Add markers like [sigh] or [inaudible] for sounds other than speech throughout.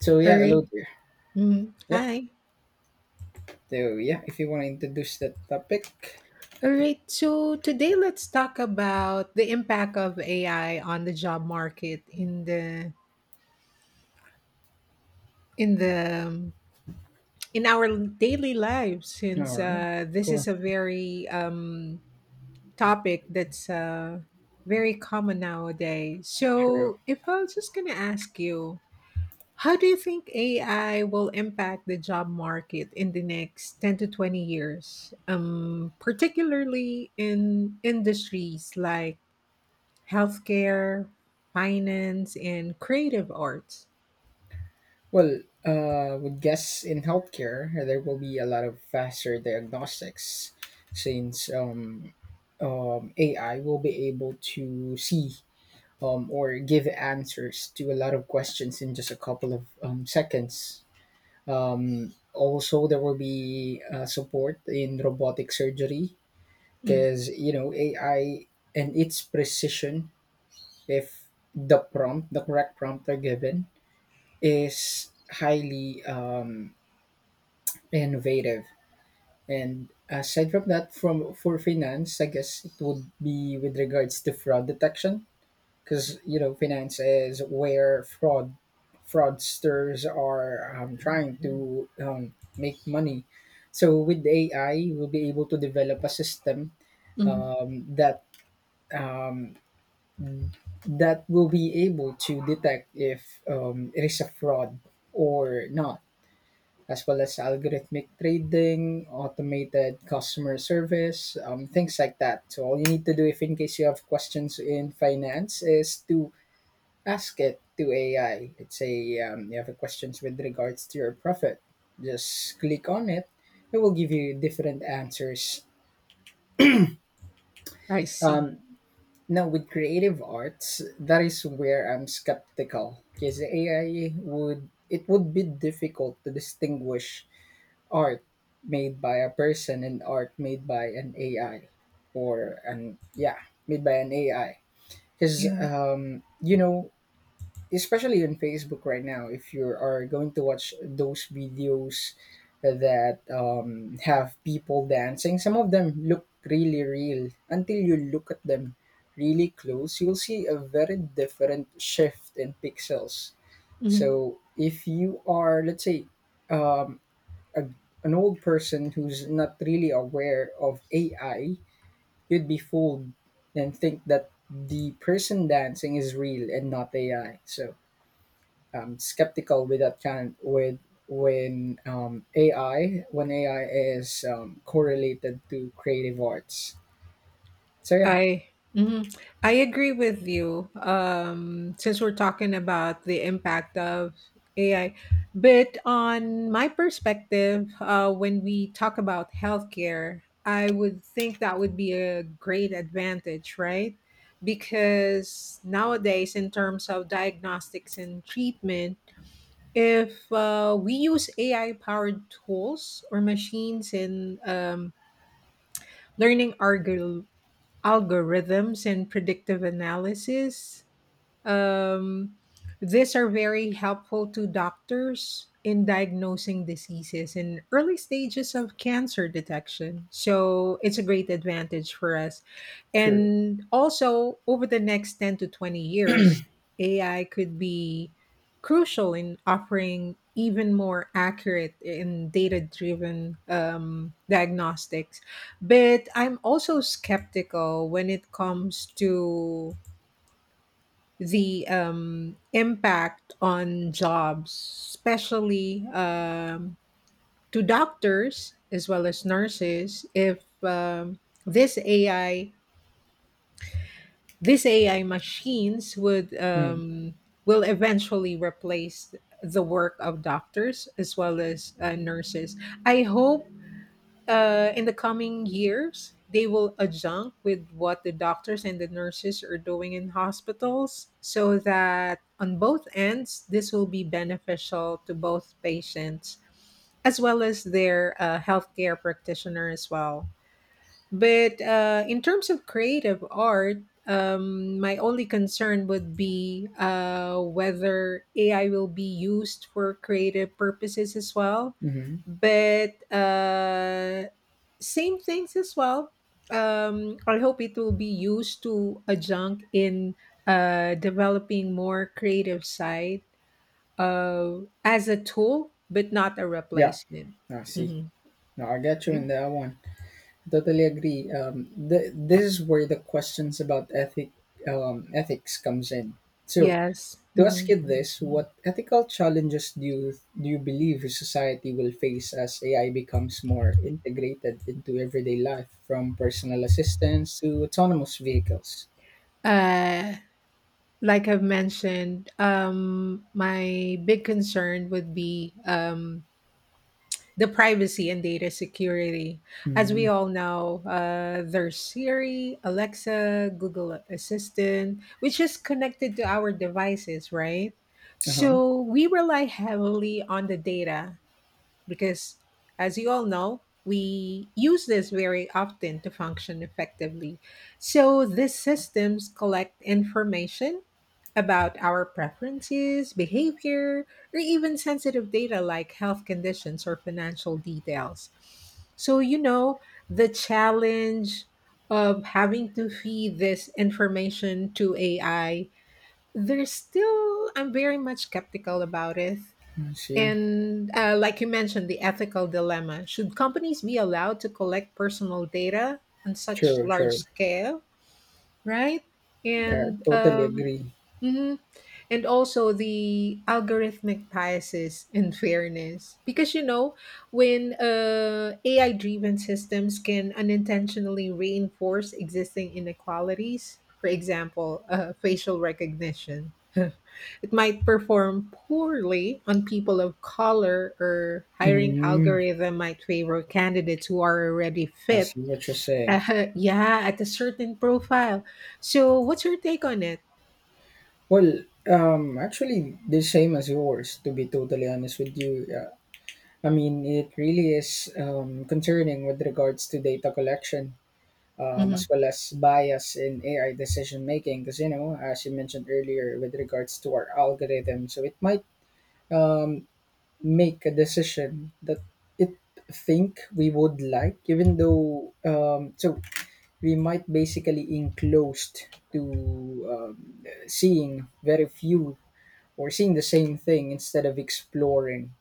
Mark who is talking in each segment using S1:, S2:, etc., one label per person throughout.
S1: So
S2: All
S1: yeah,
S2: right.
S1: hello there.
S2: Mhm.
S1: Yep.
S2: Hi.
S1: So yeah, if you want to introduce that topic,
S2: All right. So today let's talk about the impact of AI on the job market in the in the in our daily lives,
S1: all
S2: since
S1: right,
S2: this
S1: cool,
S2: is a very topic that's very common nowadays.
S1: sure.
S2: So if I was just gonna ask you, how do you think AI will impact the job market in the next 10 to 20 years, particularly in industries like healthcare, finance, and creative arts?
S1: Well, would guess in healthcare there will be a lot of faster diagnostics since AI will be able to see or give answers to a lot of questions in just a couple of seconds. Also, there will be support in robotic surgery
S2: Mm,
S1: because AI and its precision, if the correct prompt are given, is highly innovative. And aside from that, from for finance, I guess it would be with regards to fraud detection, because finance is where fraudsters are trying to make money. So with AI, we'll be able to develop a system
S2: mm,
S1: um, that um, that will be able to detect if it is a fraud or not, as well as algorithmic trading, automated customer service, things like that. So, all you need to do if in case you have questions in finance is to ask it to AI. Let's say you have a questions with regards to your profit, just click on it, it will give you different answers.
S2: I see.
S1: Um, Now, with creative arts, that is where I'm skeptical because AI would it would be difficult to distinguish art made by a person and art made by an AI or an yeah made by an AI because
S2: Yeah.
S1: especially on Facebook right now, if you are going to watch those videos that have people dancing, some of them look really real. Until you look at them really close, you'll see a very different shift in pixels.
S2: Mhm.
S1: So if you are, let's say, um, a, an old person who's not really aware of AI, you'd be fooled and think that the person dancing is real and not AI. So skeptical with that kind with when AI is correlated to creative arts. So yeah,
S2: I mhm. I agree with you. Since we're talking about the impact of AI, but on my perspective, when we talk about healthcare, I would think that would be a great advantage, right? Because nowadays, in terms of diagnostics and treatment, if we use AI powered tools or machines in learning algor- algorithms and predictive analysis. Um, these are very helpful to doctors in diagnosing diseases in early stages of cancer detection. So it's a great advantage for us.
S1: true.
S2: And also, over the next 10 to 20 years, AI could be crucial in offering even more accurate and data driven diagnostics. But I'm also skeptical when it comes to the impact on jobs, especially to doctors as well as nurses, if this AI, this AI machines would
S1: Mm.
S2: will eventually replace the work of doctors as well as nurses. I hope in the coming years, they will adjunct with what the doctors and the nurses are doing in hospitals so that on both ends, this will be beneficial to both patients as well as their healthcare practitioner as well. But in terms of creative art, my only concern would be whether AI will be used for creative purposes as well.
S1: Mm-hmm.
S2: But same things as well. I hope it will be used to adjunct in developing more creative side, as a tool, but not a
S1: Yeah,
S2: replacement.
S1: I see.
S2: Mhm.
S1: No, I get you
S2: Yeah.
S1: in that one. I totally agree. This is where the questions about ethics comes in. So,
S2: Yes.
S1: to ask
S2: Hmm.
S1: you this, what ethical challenges do you believe society will face as AI becomes more integrated into everyday life, from personal assistance to autonomous vehicles?
S2: Uh, like I've mentioned, my big concern would be the privacy and data security. As we
S1: Mm.
S2: all know, there's Siri, Alexa, Google Assistant, which is connected to our devices, right?
S1: Uh-huh.
S2: So we rely heavily on the data, because as you all know, we use this very often to function effectively, so these systems collect information about our preferences, behavior, or even sensitive data like health conditions or financial details. So you know, the challenge of having to feed this information to AI, there's still, I'm very much skeptical about it.
S1: I see.
S2: And like you mentioned, the ethical dilemma. Should companies be allowed to collect personal data on such
S1: Sure,
S2: large
S1: sure.
S2: scale, right? And
S1: Totally agree.
S2: mhm, and also the algorithmic biases and fairness, because you know, when AI-driven systems can unintentionally reinforce existing inequalities. For example, facial recognition. [laughs] It might perform poorly on people of color, or hiring
S1: Mm,
S2: algorithm might favor candidates who are already
S1: I
S2: fit,
S1: see what you're saying.
S2: [laughs] yeah, at a certain profile. So, what's your take on it?
S1: Well, actually, the same as yours, to be totally honest with you. I mean, it really is concerning with regards to data collection,
S2: Hmm.
S1: as well as bias in AI decision making. Because as you mentioned earlier, with regards to our algorithm, so it might um, make a decision that it think we would like, even though so we might basically enclosed to seeing very few or seeing the same thing instead of exploring,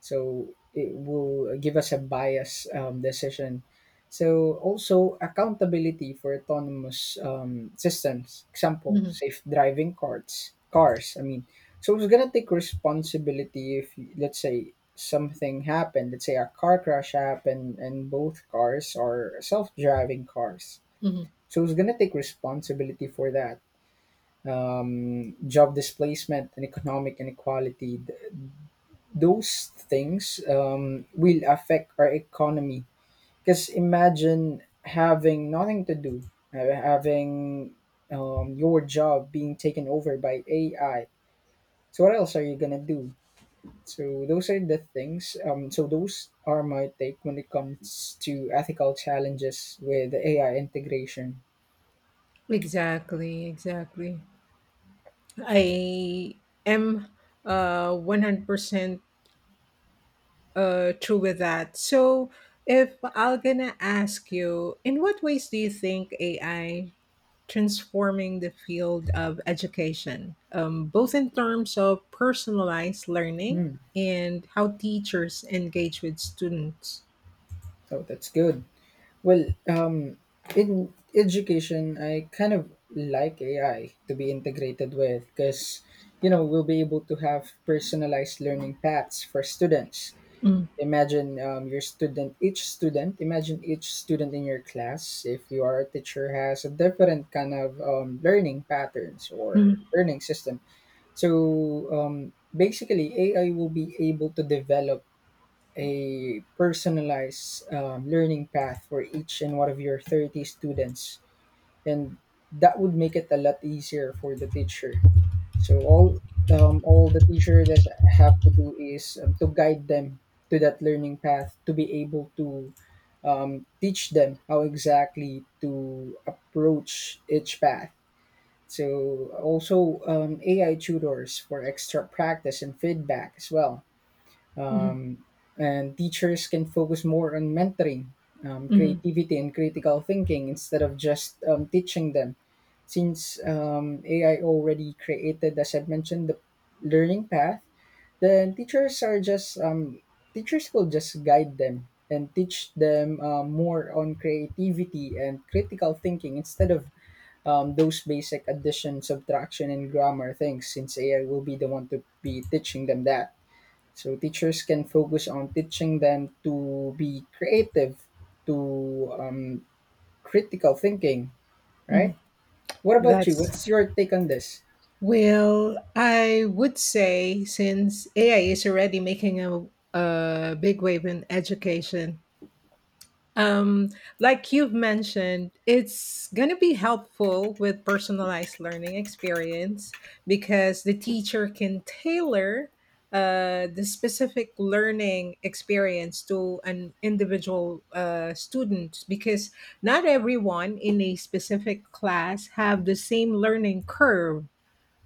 S1: so it will give us a biased decision. So also accountability for autonomous systems, example
S2: Hmm.
S1: safe driving cars, I mean. So it's going to take responsibility if, let's say, something happened. Let's say a car crash happened and both cars are self-driving cars.
S2: Hmm.
S1: So it's going to take responsibility for that. Job displacement and economic inequality, those things will affect our economy. Because imagine having nothing to do, having your job being taken over by AI. So what else are you gonna do? So those are the things. So those are my take when it comes to ethical challenges with AI integration.
S2: Exactly, exactly. I am 100% true with that. So, if I'll gonna ask you, in what ways do you think AI transforming the field of education, both in terms of personalized learning
S1: Hmm.
S2: and how teachers engage with students?
S1: Oh, that's good. Well, in education, I kind of like AI to be integrated with, because we'll be able to have personalized learning paths for students. Imagine your student, each student, imagine each student in your class, if you are a teacher, has a different kind of learning patterns or
S2: Mm-hmm.
S1: learning system. So basically, AI will be able to develop a personalized learning path for each and one of your 30 students, and that would make it a lot easier for the teacher. So all the teacher does have to do is to guide them to that learning path, to be able to teach them how exactly to approach each path. So also AI tutors for extra practice and feedback as well, um, and teachers can focus more on mentoring,
S2: Mhm,
S1: creativity, and critical thinking instead of just teaching them. Since AI already created, as I've mentioned, the learning path, then teachers will just guide them and teach them more on creativity and critical thinking instead of those basic addition, subtraction, and grammar things. Since AI will be the one to be teaching them that. So teachers can focus on teaching them to be creative, to critical thinking,
S2: mhm.
S1: right? What about you?
S2: That's,
S1: What's your take on this?
S2: well, I would say since AI is already making a big wave in education. Um, like you've mentioned, it's going to be helpful with personalized learning experience, because the teacher can tailor the specific learning experience to an individual student, because not everyone in a specific class have the same learning curve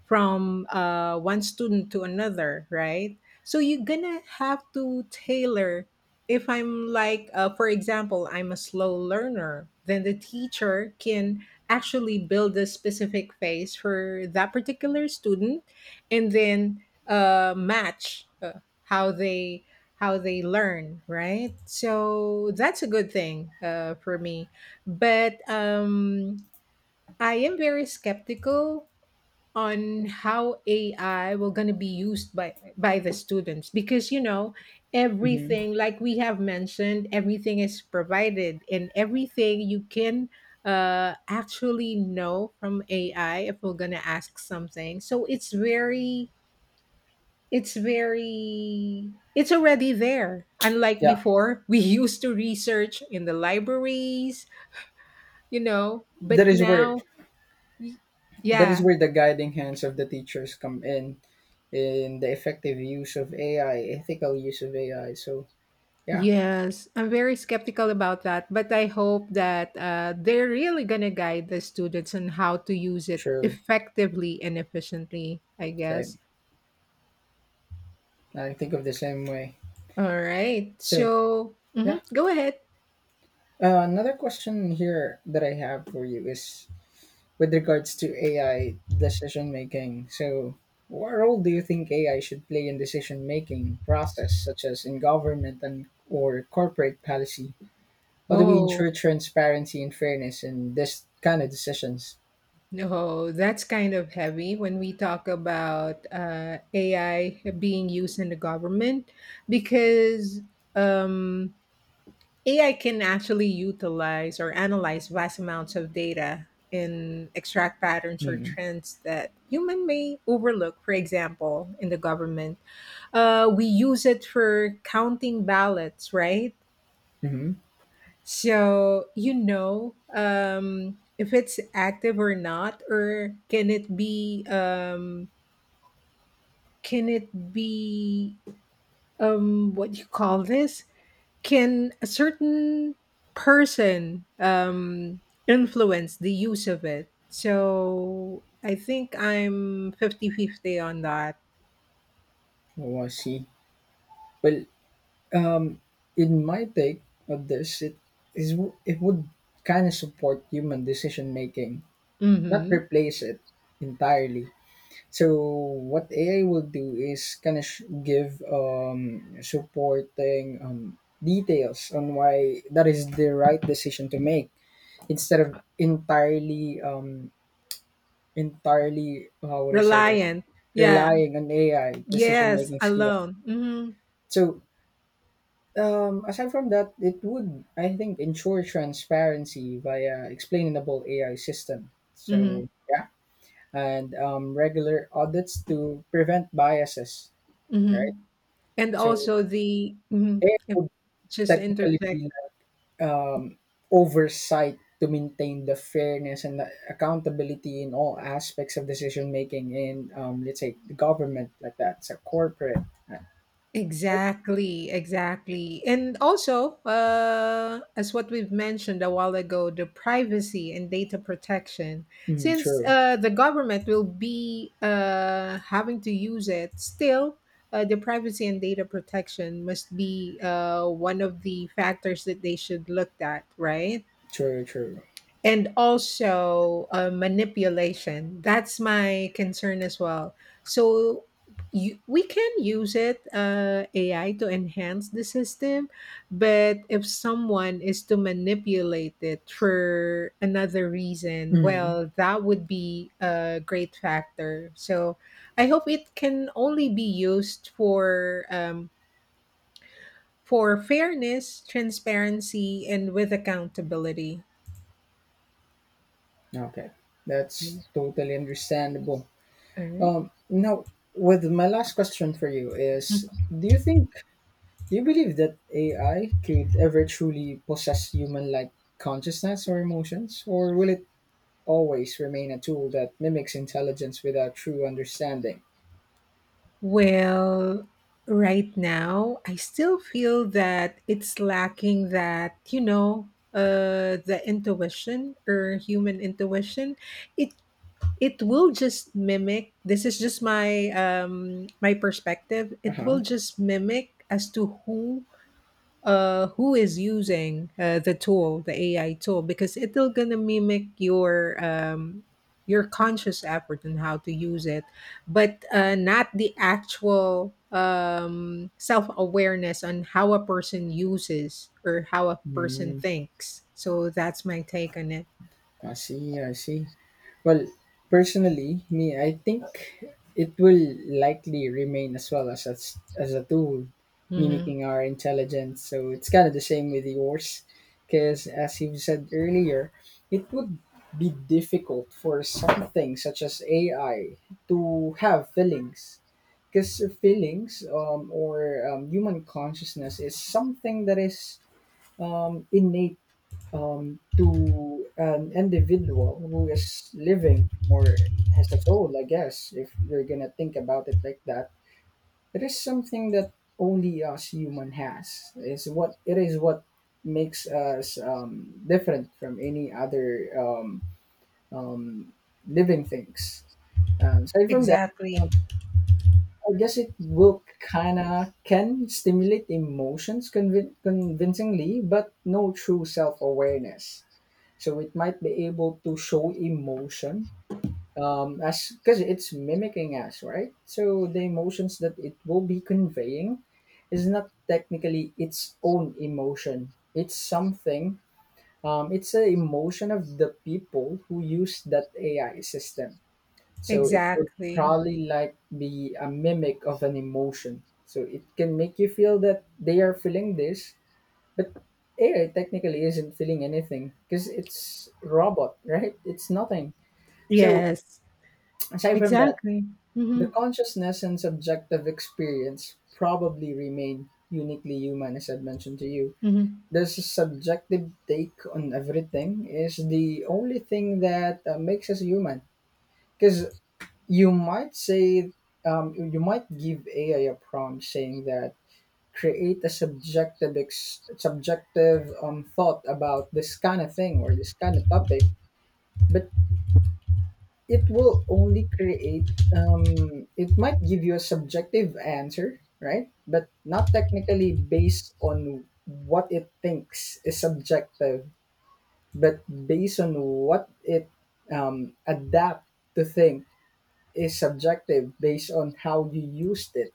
S2: from one student to another, right? So you're gonna have to tailor. If I'm like, for example, I'm a slow learner, then the teacher can actually build a specific phase for that particular student, and then match how they learn, right? So that's a good thing for me, but I am very skeptical on how AI will going to be used by the students, because you know
S1: Hmm.
S2: everything, like we have mentioned, everything is provided, and everything you can actually know from AI if we're going to ask something. So it's very it's already there, unlike
S1: Yeah,
S2: before. [laughs] We used to research in the libraries, you know,
S1: that
S2: but
S1: is where
S2: now y-
S1: that is
S2: yeah.
S1: where the guiding hands of the teachers come in the effective use of AI, ethical use of AI. So yeah,
S2: Yes, I'm very skeptical about that, but I hope that they're really going to guide the students on how to use it
S1: true.
S2: effectively and efficiently, I guess.
S1: Same. I think of the same way.
S2: All right.
S1: So
S2: So, mhm,
S1: yeah,
S2: go ahead.
S1: another question here that I have for you is with regards to AI decision making. So, what role do you think AI should play in decision making process, such as in government and or corporate policy? How do we
S2: Oh,
S1: ensure transparency and fairness in this kind of decisions?
S2: no, that's kind of heavy when we talk about AI being used in the government, because um, AI can actually utilize or analyze vast amounts of data and extract patterns or
S1: Mm.
S2: trends that human may overlook. For example, in the government, we use it for counting ballots, right?
S1: Hmm. Mm-hmm.
S2: So you know, if it's active or not, or can it be what do you call this Can a certain person influence the use of it? So I think I'm 50-50 on that.
S1: Oh, I see. Well, um, in my take of this, is it would kind of support human decision making, not
S2: Hmm.
S1: replace it entirely. So what AI will do is kind of give supporting details on why that is the right decision to make instead of entirely, how would I say this,
S2: Reliant. Yeah.
S1: relying on AI decision
S2: Yes.
S1: making skill.
S2: Alone. Hmm.
S1: So aside from that, it would, I think, ensure transparency via explainable AI system. So
S2: Hmm.
S1: yeah, and regular audits to prevent biases.
S2: Hmm.
S1: Right.
S2: And
S1: So
S2: also the, mhm,
S1: it
S2: if
S1: would
S2: just to
S1: technically
S2: interject.
S1: be like, oversight to maintain the fairness and the accountability in all aspects of decision making in, let's say, the government like that, so corporate. Uh, so-
S2: Exactly, exactly. And also, as what we've mentioned a while ago, the privacy and data protection.
S1: Mm,
S2: Since
S1: true,
S2: the government will be having to use it, still, the privacy and data protection must be one of the factors that they should look at, right?
S1: true, true.
S2: And also manipulation. That's my concern as well. So you, we can use it, AI, to enhance the system, but if someone is to manipulate it for another reason,
S1: Mm,
S2: well, that would be a great factor. So I hope it can only be used for fairness, transparency, and with accountability.
S1: okay, that's
S2: All
S1: totally understandable.
S2: right.
S1: Now, with my last question for you is, do you think do you believe that AI could ever truly possess human like consciousness or emotions, or will it always remain a tool that mimics intelligence without true understanding.
S2: Well, right now, I still feel that it's lacking that, you know, the intuition or human intuition. It it will just mimic. This is just my my perspective.
S1: Uh
S2: It
S1: huh.
S2: will just mimic as to who is using the tool, the AI tool, because it'll gonna mimic your conscious effort and how to use it, but not the actual self awareness on how a person uses or how a person
S1: Mm,
S2: thinks. So that's my take on it.
S1: I see, I see. Well, personally, me, I think it will likely remain as well as as a tool,
S2: Mhm.
S1: mimicking our intelligence. So it's kind of the same with yours, because as you said earlier, it would be difficult for something such as AI to have feelings. Because feelings, or human consciousness is something that is innate, to an individual who is living or has a soul, I guess, if you're gonna think about it like that. It is something that only us human has. Is what It is what makes us different from any other um, living things. Aside from that,
S2: Exactly.
S1: um, I guess it will kind of can stimulate emotions convincingly, but no true self awareness, so it might be able to show emotion, as because it's mimicking us, right? So the emotions that it will be conveying is not technically its own emotion. It's something, it's the emotion of the people who use that AI system. So it would
S2: Exactly.
S1: probably like be a mimic of an emotion so it can make you feel that they are feeling this, but AI technically isn't feeling anything because it's robot, right? It's nothing. So
S2: Yes.
S1: aside from that,
S2: Exactly.
S1: the
S2: Mhm.
S1: consciousness and subjective experience probably remain uniquely human, as I've mentioned to you.
S2: Mhm.
S1: This subjective take on everything is the only thing that makes us human. Because you might say, you might give AI a prompt saying that create a subjective subjective thought about this kind of thing or this kind of topic, but it will only create it might give you a subjective answer, right, but not technically based on what it thinks is subjective, but based on what it adapt to think is subjective based on how you used it.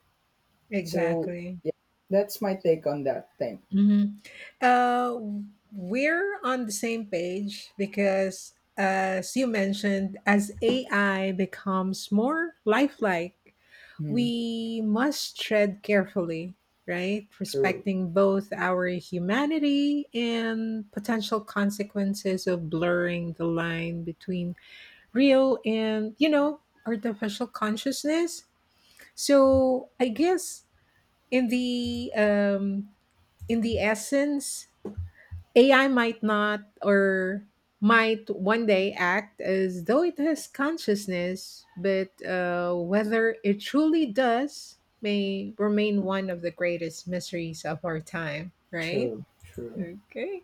S1: So
S2: Exactly.
S1: yeah, that's my take on that thing.
S2: Mhm. Uh, we're on the same page because, as you mentioned, as AI becomes more lifelike,
S1: Hmm.
S2: we must tread carefully, right?
S1: True.
S2: Respecting both our humanity and potential consequences of blurring the line between real and, you know, artificial consciousness. So I guess in the um, in the essence, AI might not or might one day act as though it has consciousness, but whether it truly does may remain one of the greatest mysteries of our time, right?
S1: True, true.
S2: Okay.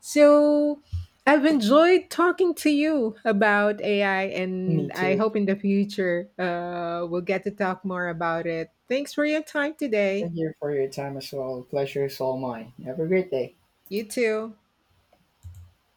S2: So I've enjoyed talking to you about AI,
S1: Me
S2: and I
S1: too.
S2: hope in the future we'll get to talk more about it. Thanks for your time today.
S1: Thank you for your time as well. Pleasure is all mine. Have a great day.
S2: You too.